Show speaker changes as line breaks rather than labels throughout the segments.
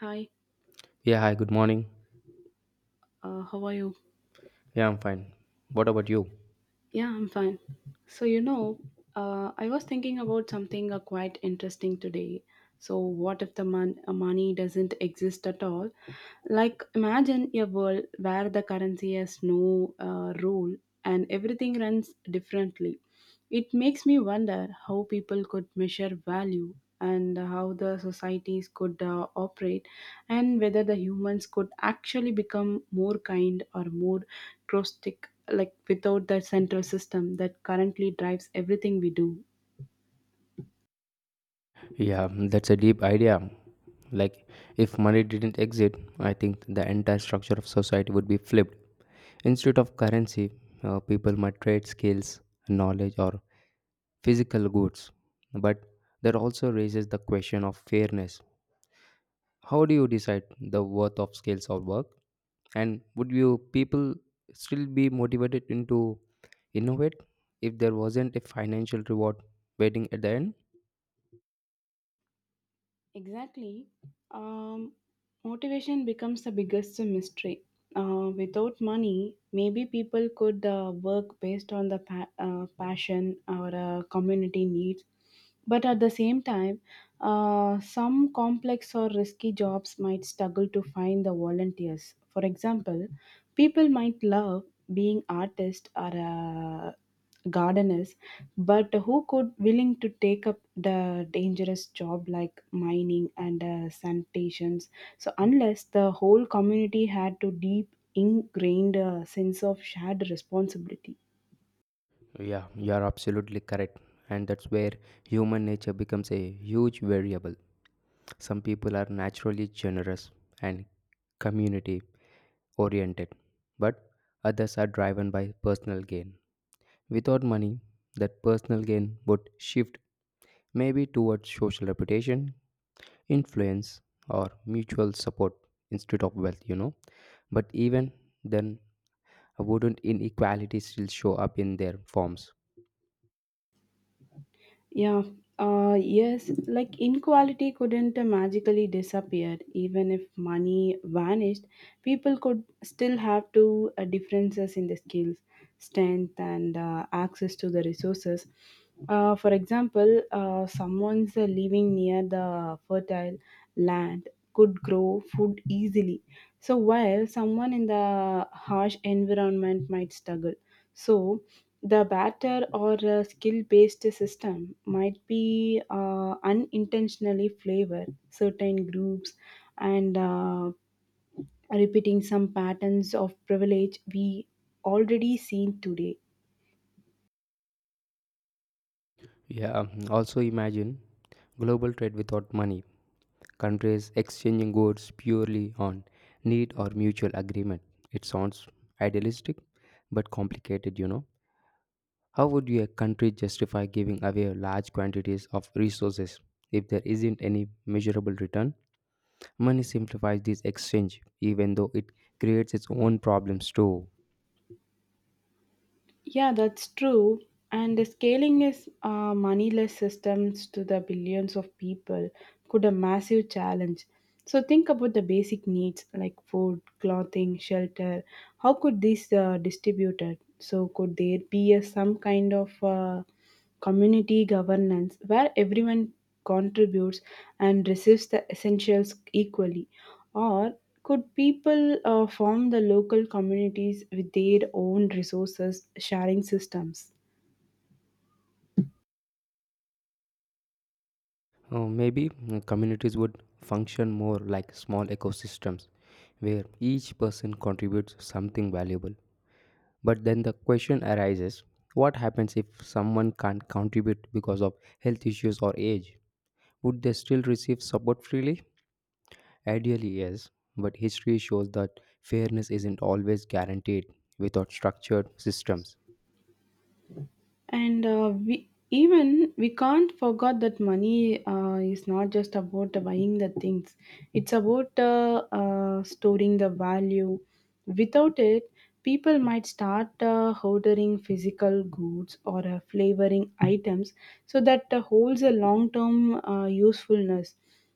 Hi,
Yeah, hi, good morning.
how are you?
Yeah, I'm fine. What about you?
Yeah, I'm fine. So, you know, I was thinking about something quite interesting today. So, what if money doesn't exist at all? Like, imagine a world where the currency has no rule and everything runs differently. It makes me wonder how people could measure value and how the societies could operate and whether the humans could actually become more kind or more drastic, like without the central system that currently drives everything we do.
Yeah, that's a deep idea. Like, if money didn't exist, I think the entire structure of society would be flipped. Instead of currency, people might trade skills, knowledge, or physical goods. But that also raises the question of fairness. How do you decide the worth of skills or work? And would you people still be motivated into innovate if there wasn't a financial reward waiting at the end?
Exactly. Um, Motivation becomes the biggest mystery. Without money, maybe people could work based on passion or community needs. But at the same time, some complex or risky jobs might struggle to find the volunteers. For example, people might love being artists or gardeners, but who could willing to take up the dangerous job like mining and sanitations? So unless the whole community had to deep ingrained sense of shared responsibility.
Yeah, you're absolutely correct. And that's where human nature becomes a huge variable. Some people are naturally generous and community oriented, but others are driven by personal gain. Without money, that personal gain would shift maybe towards social reputation, influence, or mutual support instead of wealth. But even then, wouldn't inequality still show up in their forms?
Yeah, yes, like inequality couldn't magically disappear. Even if money vanished, people could still have to differences in the skills, strength, and access to the resources. For example, someone's living near the fertile land could grow food easily. So while someone in the harsh environment might struggle. So the batter or a skill based system might be unintentionally flavor certain groups and repeating some patterns of privilege we already seen today.
Yeah, also imagine global trade without money, countries exchanging goods purely on need or mutual agreement. It sounds idealistic but complicated. How would your country justify giving away large quantities of resources if there isn't any measurable return? Money simplifies this exchange, even though it creates its own problems too.
Yeah, that's true. And the scaling is moneyless systems to the billions of people could a massive challenge. So think about the basic needs like food, clothing, shelter. How could these distributed? So could there be a, some kind of community governance where everyone contributes and receives the essentials equally, or could people form the local communities with their own resources sharing systems?
Maybe communities would function more like small ecosystems where each person contributes something valuable. But then the question arises, what happens if someone can't contribute because of health issues or age? Would they still receive support freely? Ideally, yes, but history shows that fairness isn't always guaranteed without structured systems.
And we even we can't forget that money is not just about buying the things, it's about storing the value. Without it, people might start hoarding physical goods or flavoring items so that holds a long term usefulness,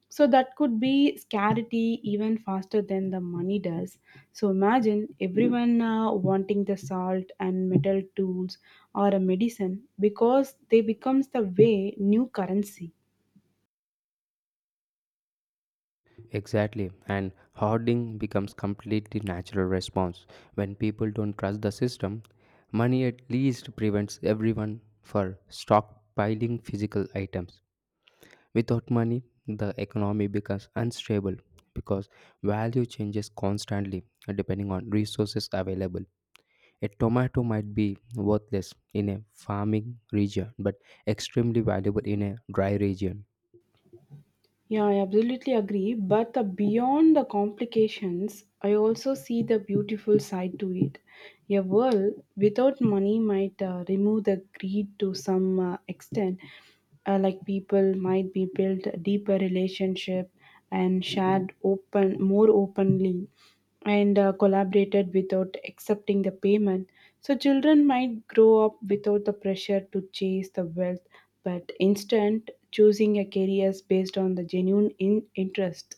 so that could be scarcity even faster than the money does. So imagine everyone wanting the salt and metal tools or a medicine because they becomes the way new currency.
Exactly, and hoarding becomes completely natural response when people don't trust the system. Money at least prevents everyone for stockpiling physical items. Without money, the economy becomes unstable because value changes constantly depending on resources available. A tomato might be worthless in a farming region but extremely valuable in a dry region.
Yeah, I absolutely agree. But the beyond the complications, I also see the beautiful side to it. A world without money might remove the greed to some extent. Like people might be built a deeper relationship and shared open more openly and collaborated without accepting the payment. So, children might grow up without the pressure to chase the wealth, but instead choosing a career based on the genuine interest.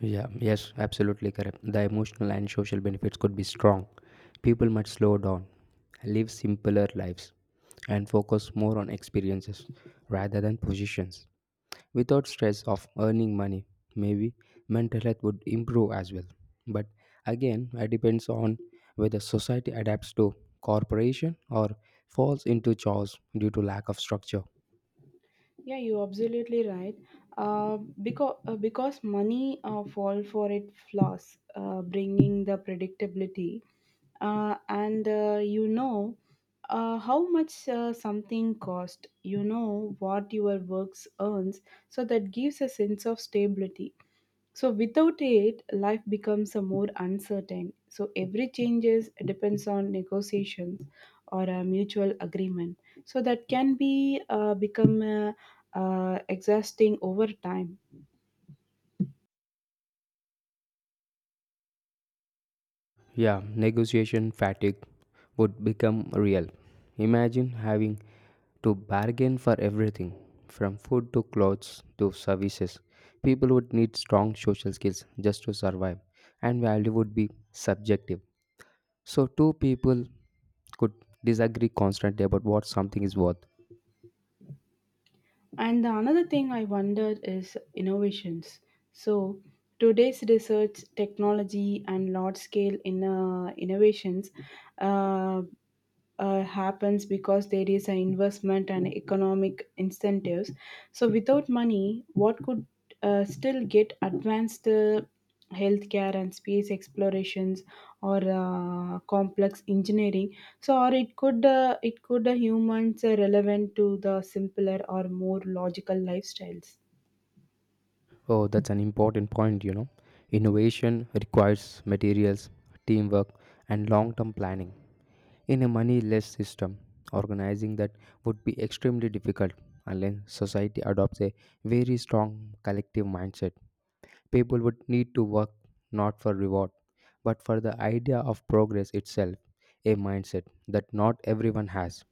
Yeah, yes, absolutely correct. The emotional and social benefits could be strong. People might slow down, live simpler lives, and focus more on experiences rather than positions. Without stress of earning money, maybe mental health would improve as well, but again it depends on whether society adapts to corporation or falls into chores due to lack of structure.
Yeah, you're absolutely right. Uh, because because money fall for it flaws, bringing the predictability, and how much something cost. You know what your works earns, so that gives a sense of stability. So without it, life becomes a more uncertain. So every changes depends on negotiations or a mutual agreement. So that can be become exhausting over time.
Yeah, negotiation fatigue would become real. Imagine having to bargain for everything from food to clothes to services. People would need strong social skills just to survive, and value would be subjective, so two people could disagree constantly about what something is worth.
And the another thing I wonder is innovations. So today's research, technology, and large scale in innovations. Uh, Happens because there is an investment and economic incentives. So without money, what could still get advanced healthcare and space explorations or complex engineering. So or it could humans relevant to the simpler or more logical lifestyles.
Oh, that's an important point. Innovation requires materials, teamwork, and long term planning. In a moneyless system, organizing that would be extremely difficult unless society adopts a very strong collective mindset. People would need to work not for reward, but for the idea of progress itself, a mindset that not everyone has.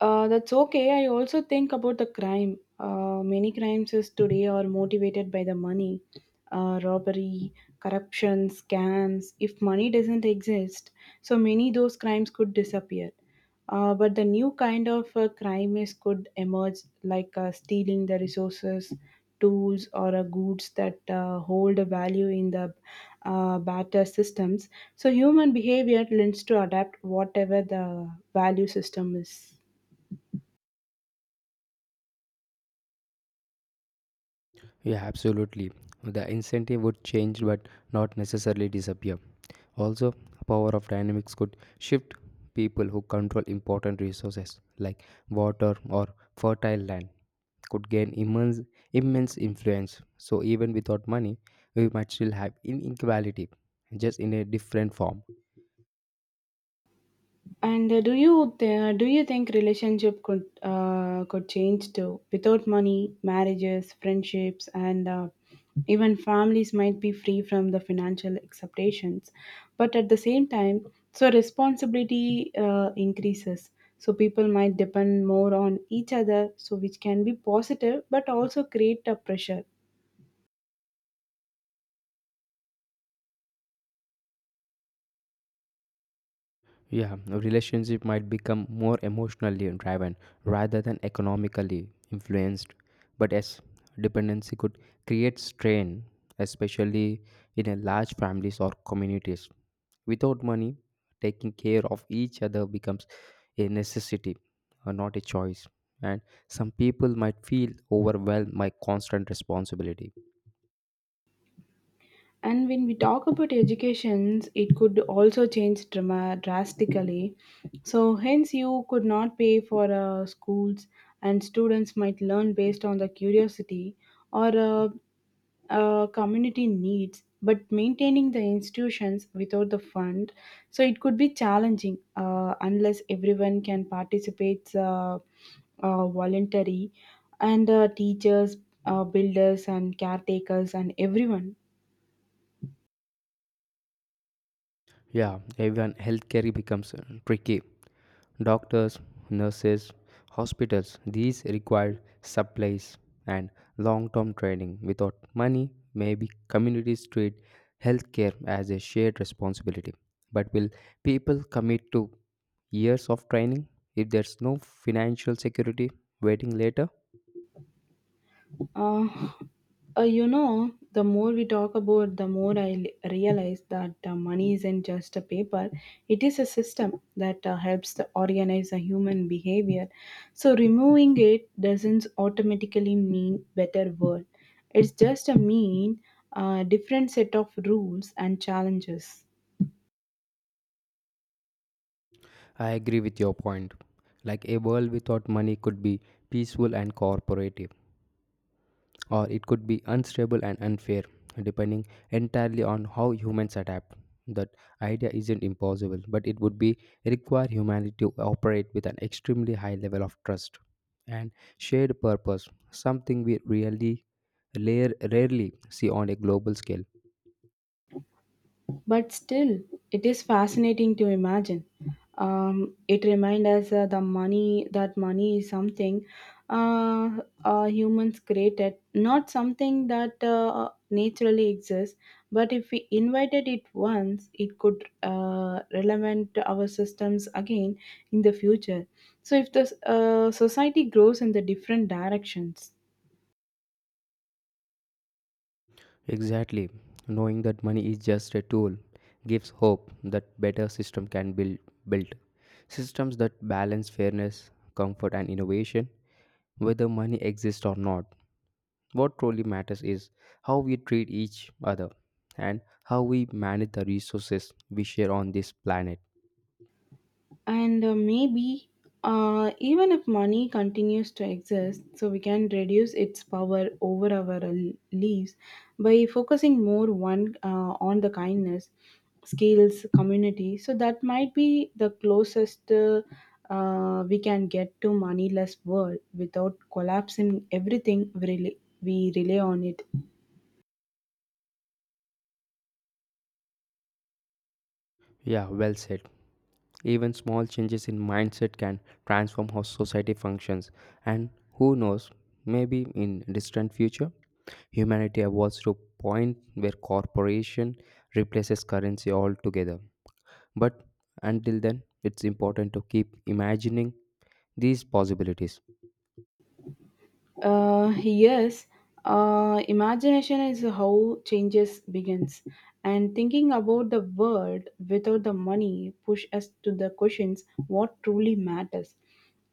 That's okay. I also think about the crime. Many crimes is today are motivated by the money, robbery, corruption, scams. If money doesn't exist, so many those crimes could disappear. But the new kind of crime is could emerge, like stealing the resources, tools, or goods that hold a value in the barter systems. So human behavior lends to adapt whatever the value system is.
Yeah, absolutely. The incentive would change but not necessarily disappear. Also, power of dynamics could shift people who control important resources like water or fertile land could gain immense influence. So even without money, we might still have inequality just in a different form.
And do you think relationship could change too? Without money, marriages, friendships, and even families might be free from the financial expectations. But at the same time, so responsibility increases. So people might depend more on each other, so which can be positive, but also create a pressure.
Yeah, a relationship might become more emotionally driven rather than economically influenced. But as dependency could create strain, especially in a large families or communities. Without money, taking care of each other becomes a necessity, not a choice. And some people might feel overwhelmed by constant responsibility.
And when we talk about educations, it could also change drama drastically. So hence you could not pay for schools, and students might learn based on the curiosity or community needs. But maintaining the institutions without the fund, so it could be challenging unless everyone can participate voluntary, and teachers, builders and caretakers and everyone.
Yeah, even healthcare becomes tricky. Doctors, nurses, hospitals, these require supplies and long term training. Without money, maybe communities treat healthcare as a shared responsibility. But will people commit to years of training if there's no financial security waiting later?
Uh, you know, the more we talk about, the more I realize that money isn't just a paper. It is a system that helps to organize a human behavior. So removing it doesn't automatically mean better world. It's just a mean different set of rules and challenges.
I agree with your point. Like a world without money could be peaceful and cooperative, or it could be unstable and unfair, depending entirely on how humans adapt. That idea isn't impossible, but it would be require humanity to operate with an extremely high level of trust and shared purpose, something we really rarely see on a global scale.
But still, it is fascinating to imagine. It reminds us the money that money is something uh, humans created, not something that naturally exists. But if we invited it once, it could relevant to our systems again in the future. So if the society grows in the different directions.
Exactly. Knowing that money is just a tool gives hope that better system can build built. Systems that balance fairness, comfort and innovation, whether money exists or not. What truly matters is how we treat each other and how we manage the resources we share on this planet.
And maybe even if money continues to exist, so we can reduce its power over our lives by focusing more one on the kindness skills community, so that might be the closest we can get to moneyless world without collapsing everything we rely on it.
Yeah, well said. Even small changes in mindset can transform how society functions, and who knows, maybe in distant future humanity evolves to a point where corporation replaces currency altogether. But until then, it's important to keep imagining these possibilities.
Yes, imagination is how changes begins, and thinking about the world without the money push us to the questions what truly matters,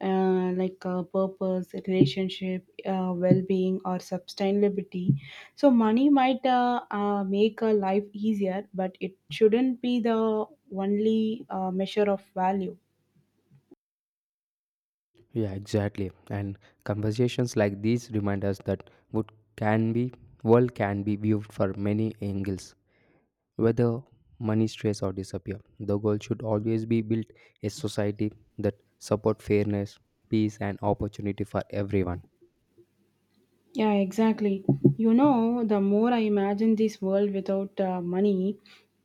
like purpose, relationship, well-being, or sustainability. So money might make a life easier, but it shouldn't be the only measure of value.
Yeah, exactly. And conversations like these remind us that what can be world can be viewed for many angles, whether money strays or disappear. The goal should always be built a society that support fairness, peace, and opportunity for everyone.
Yeah, exactly. You know, the more I imagine this world without money,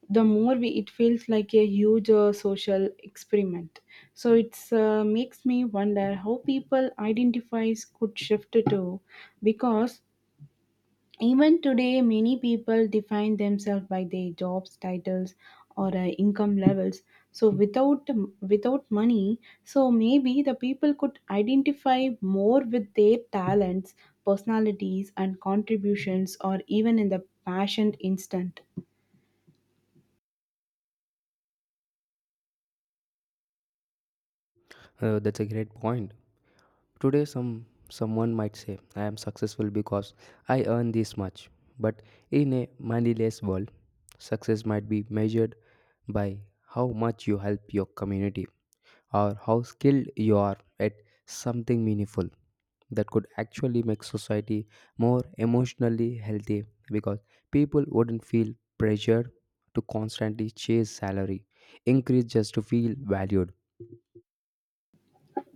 the more we, it feels like a huge social experiment. So it's makes me wonder how people identifies could shift to, because even today, many people define themselves by their jobs, titles, or income levels. So without money, so maybe the people could identify more with their talents, personalities, and contributions, or even in the passion instant.
That's a great point. Today, someone might say, "I am successful because I earn this much," but in a moneyless world, success might be measured by how much you help your community or how skilled you are at something meaningful. That could actually make society more emotionally healthy because people wouldn't feel pressured to constantly chase salary increase just to feel valued.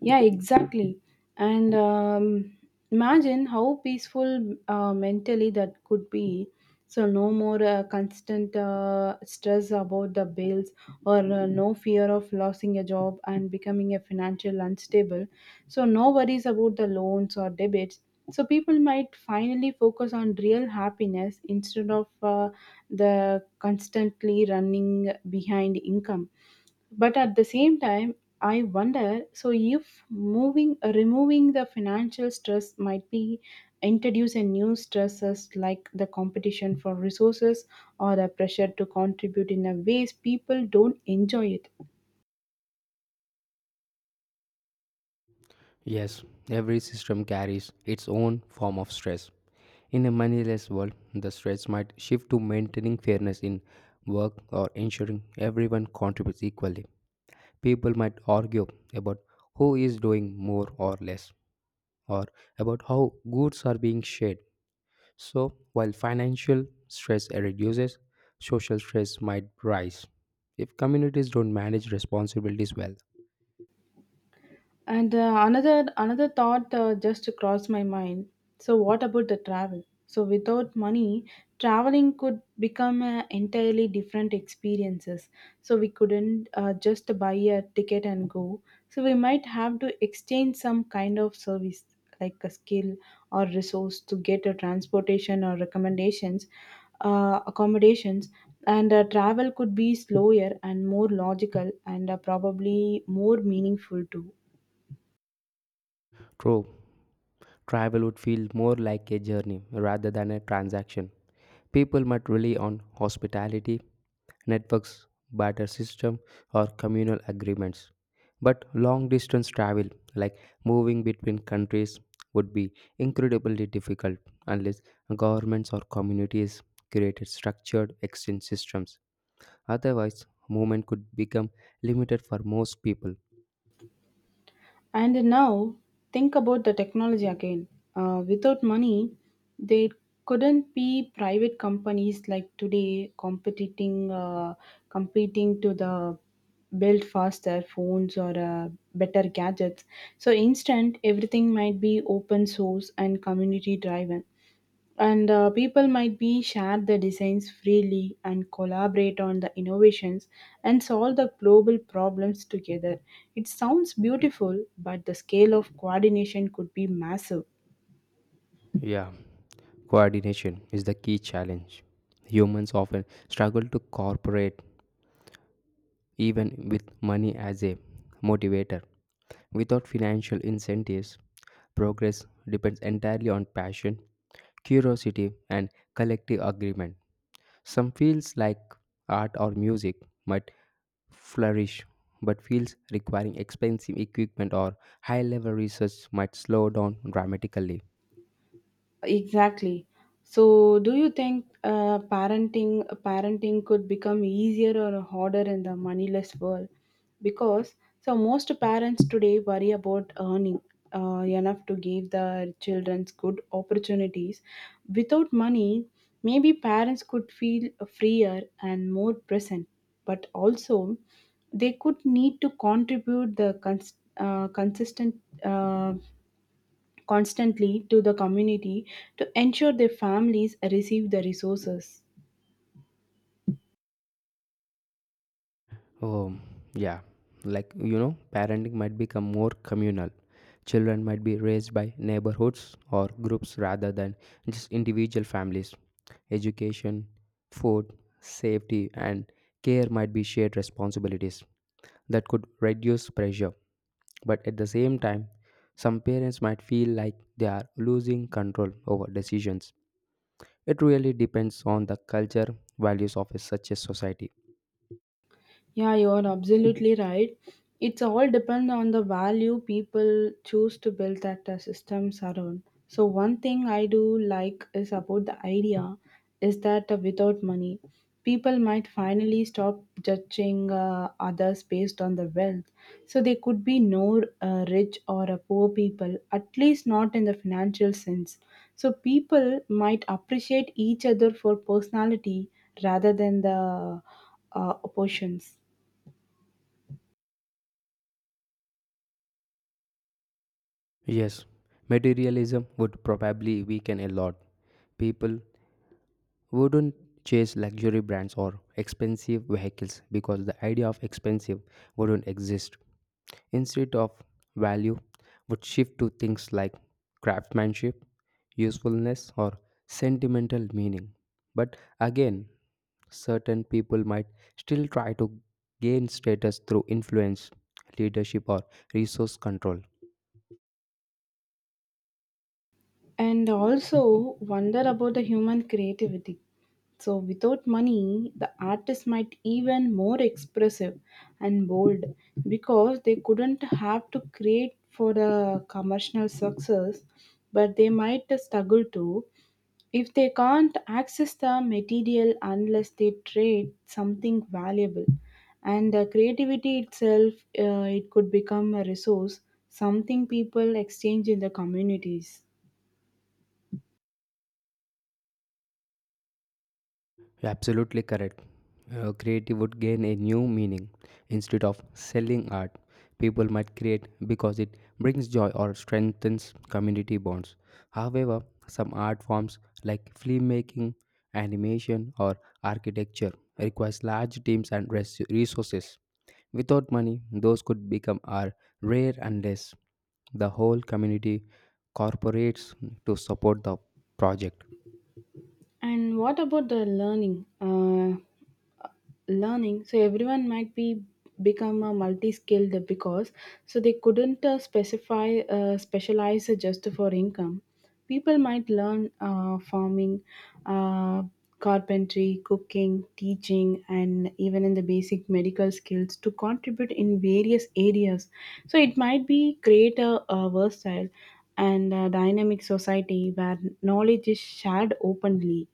Yeah, exactly. And imagine how peaceful mentally that could be. So, no more constant stress about the bills or no fear of losing a job and becoming a financial unstable. So, no worries about the loans or debits. So, people might finally focus on real happiness instead of the constantly running behind income, but at the same time I wonder, so if moving removing the financial stress might be introduce a new stresses like the competition for resources or the pressure to contribute in a ways people don't enjoy it.
Yes, every system carries its own form of stress. In a moneyless world, the stress might shift to maintaining fairness in work or ensuring everyone contributes equally. People might argue about who is doing more or less, or about how goods are being shared. So, while financial stress reduces, social stress might rise if communities don't manage responsibilities well.
And another another thought just crossed my mind. So what about the travel? So without money, traveling could become a entirely different experiences. So we couldn't just buy a ticket and go. So we might have to exchange some kind of service like a skill or resource to get a transportation or recommendations, accommodations. And travel could be slower and more logical and probably more meaningful too.
True. Travel would feel more like a journey rather than a transaction. People might rely on hospitality, networks, barter system, or communal agreements. But long distance travel, like moving between countries, would be incredibly difficult unless governments or communities created structured exchange systems. Otherwise, movement could become limited for most people.
And now, think about the technology again. Without money, there couldn't be private companies like today competing to the build faster phones or better gadgets. So, instant, everything might be open source and community driven, and people might be share the designs freely and collaborate on the innovations and solve the global problems together. It sounds beautiful, but the scale of coordination could be massive.
Yeah, coordination is the key challenge. Humans often struggle to cooperate even with money as a motivator. Without financial incentives, progress depends entirely on passion, curiosity, and collective agreement. Some fields like art or music might flourish, but fields requiring expensive equipment or high level research might slow down dramatically.
Exactly. So, do you think parenting could become easier or harder in the moneyless world? Because so most parents today worry about earning enough to give their children good opportunities. Without money, maybe parents could feel freer and more present, but also they could need to contribute consistent. Uh, Constantly to the community to ensure their families receive the resources.
Oh, yeah. Like, you know, parenting might become more communal. Children might be raised by neighborhoods or groups rather than just individual families. Education, food, safety, and care might be shared responsibilities that could reduce pressure. But at the same time, some parents might feel like they are losing control over decisions. It really depends on the culture, values of such a society.
Yeah, you are absolutely right. It's all depend on the value people choose to build that systems around. So one thing I do like is about the idea is that without money, people might finally stop judging others based on their wealth. So they could be no rich or poor people, at least not in the financial sense. So people might appreciate each other for personality rather than the oppositions.
Yes, materialism would probably weaken a lot. People wouldn't chase luxury brands or expensive vehicles because the idea of expensive wouldn't exist. Instead of value would shift to things like craftsmanship, usefulness or sentimental meaning. But again, certain people might still try to gain status through influence, leadership or resource control.
And also wonder about the human creativity. So, without money, the artist might even more expressive and bold because they couldn't have to create for the commercial success, but they might struggle to if they can't access the material unless they trade something valuable. And the creativity itself, it could become a resource, something people exchange in the communities.
You're absolutely correct. Creative would gain a new meaning. Instead of selling art, people might create because it brings joy or strengthens community bonds. However, some art forms like film making, animation, or architecture requires large teams and resources. Without money, those could become are rare unless the whole community cooperates to support the project.
And what about the learning? Learning. So everyone might be become a multi-skilled because so they couldn't specify specialize just for income. People might learn farming, uh, carpentry, cooking, teaching, and even in the basic medical skills to contribute in various areas. So it might be a versatile and a dynamic society where knowledge is shared openly.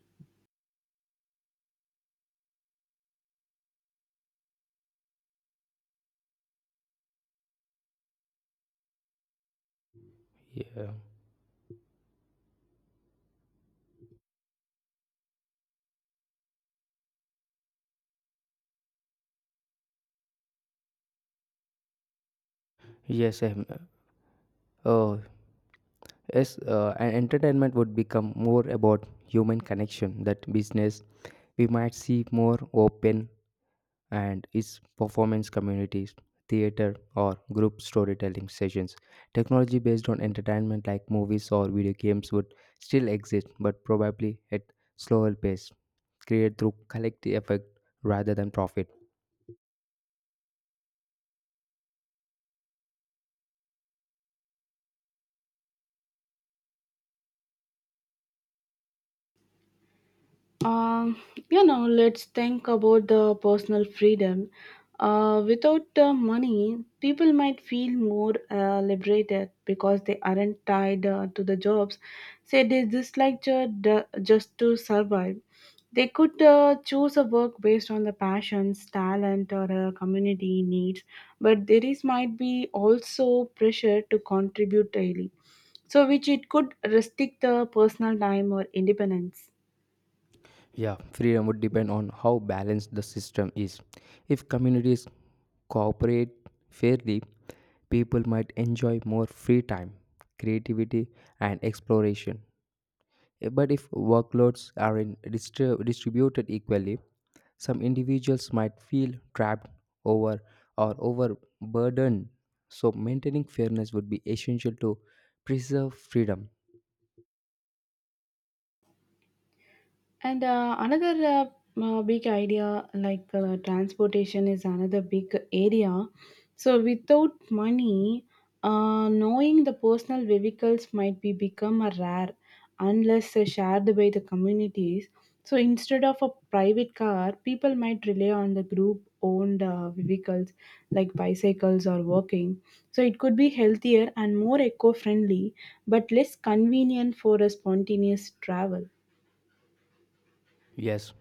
Yeah. Yes, um, oh, Yes, and entertainment would become more about human connection. That business we might see more open and its performance communities, theater or group storytelling sessions. Technology based on entertainment like movies or video games would still exist, but probably at slower pace, created through collective effect rather than profit.
Um, you know, let's think about the personal freedom. Without money, people might feel more liberated because they aren't tied to the jobs. Say they dislike just to survive. They could choose a work based on the passions, talent, or community needs, but there is might be also pressure to contribute daily, so which it could restrict the personal time or independence.
Yeah, freedom would depend on how balanced the system is. If communities cooperate fairly, people might enjoy more free time, creativity, and exploration. But if workloads are in distributed equally, some individuals might feel trapped over or overburdened. So maintaining fairness would be essential to preserve freedom.
And another big idea, like transportation is another big area. So without money, knowing the personal vehicles might be become a rare unless shared by the communities. So instead of a private car, people might rely on the group owned vehicles like bicycles or walking. So it could be healthier and more eco-friendly, but less convenient for a spontaneous travel.
Yes,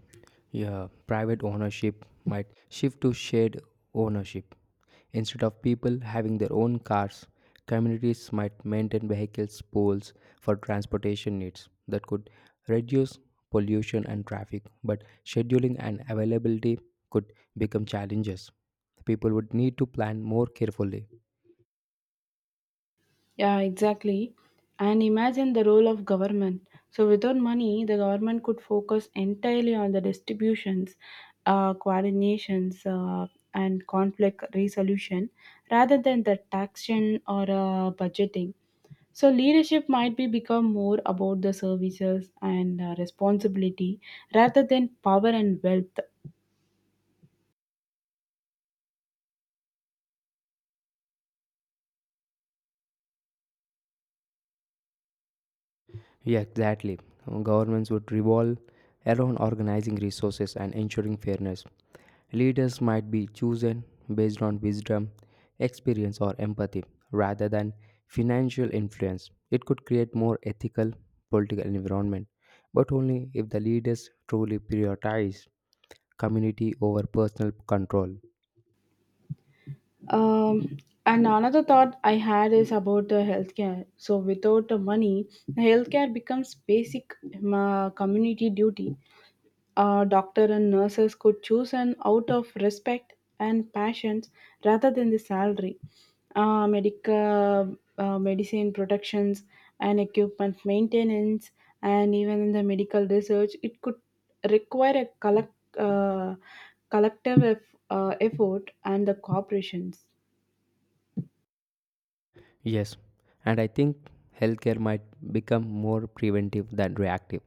yeah, private ownership might shift to shared ownership. Instead of people having their own cars, communities might maintain vehicles pools for transportation needs that could reduce pollution and traffic, but scheduling and availability could become challenges. People would need to plan more carefully.
Yeah, exactly. And imagine the role of government. So without money, the government could focus entirely on the distributions, coordinations, and conflict resolution rather than the taxation or budgeting. So leadership might be become more about the services and responsibility rather than power and wealth.
Yeah, exactly. Governments would revolve around organizing resources and ensuring fairness. Leaders might be chosen based on wisdom, experience, or empathy rather than financial influence. It could create more ethical political environment, but only if the leaders truly prioritize community over personal control.
Um, and another thought I had is about the healthcare. So without the money, healthcare becomes basic community duty. Doctor and nurses could choose an out of respect and passions rather than the salary. Medical Medicine protections and equipment maintenance and even in the medical research, it could require a uh, collective effort and the corporations.
Yes, and I think healthcare might become more preventive than reactive.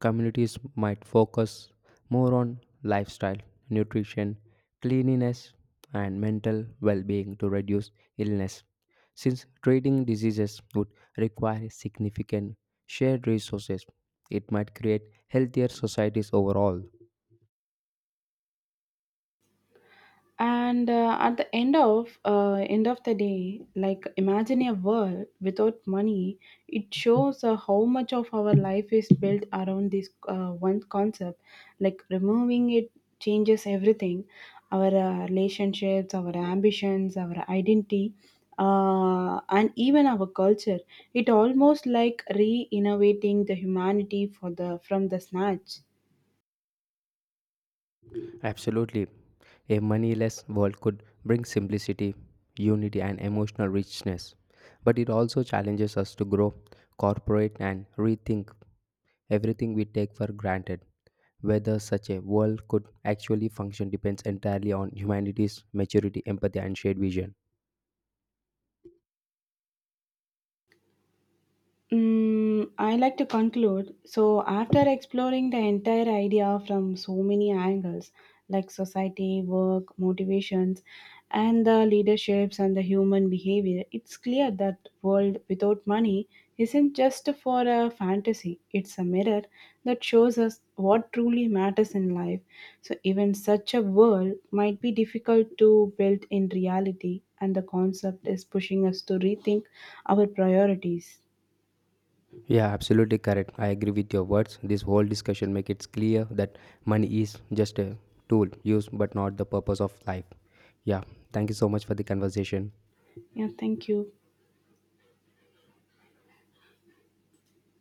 Communities might focus more on lifestyle, nutrition, cleanliness, and mental well being to reduce illness. Since treating diseases would require significant shared resources, it might create healthier societies overall.
And at the end of the day, like imagine a world without money, it shows how much of our life is built around this one concept. Like removing it changes everything, our relationships, our ambitions, our identity, and even our culture. It almost like re-innovating the humanity for the from the snatch.
Absolutely. A moneyless world could bring simplicity, unity, and emotional richness, but it also challenges us to grow, cooperate, and rethink everything we take for granted. Whether such a world could actually function depends entirely on humanity's maturity, empathy, and shared vision.
Mm, I like to conclude. So, after exploring the entire idea from so many angles, like society, work, motivations, and the leaderships and the human behavior, it's clear that world without money isn't just for a fantasy. It's a mirror that shows us what truly matters in life. So, even such a world might be difficult to build in reality, and the concept is pushing us to rethink our priorities.
Yeah, absolutely correct. I agree with your words. This whole discussion makes it clear that money is just a tool used but not the purpose of life. Yeah, thank you so much for the conversation.
Yeah, thank you.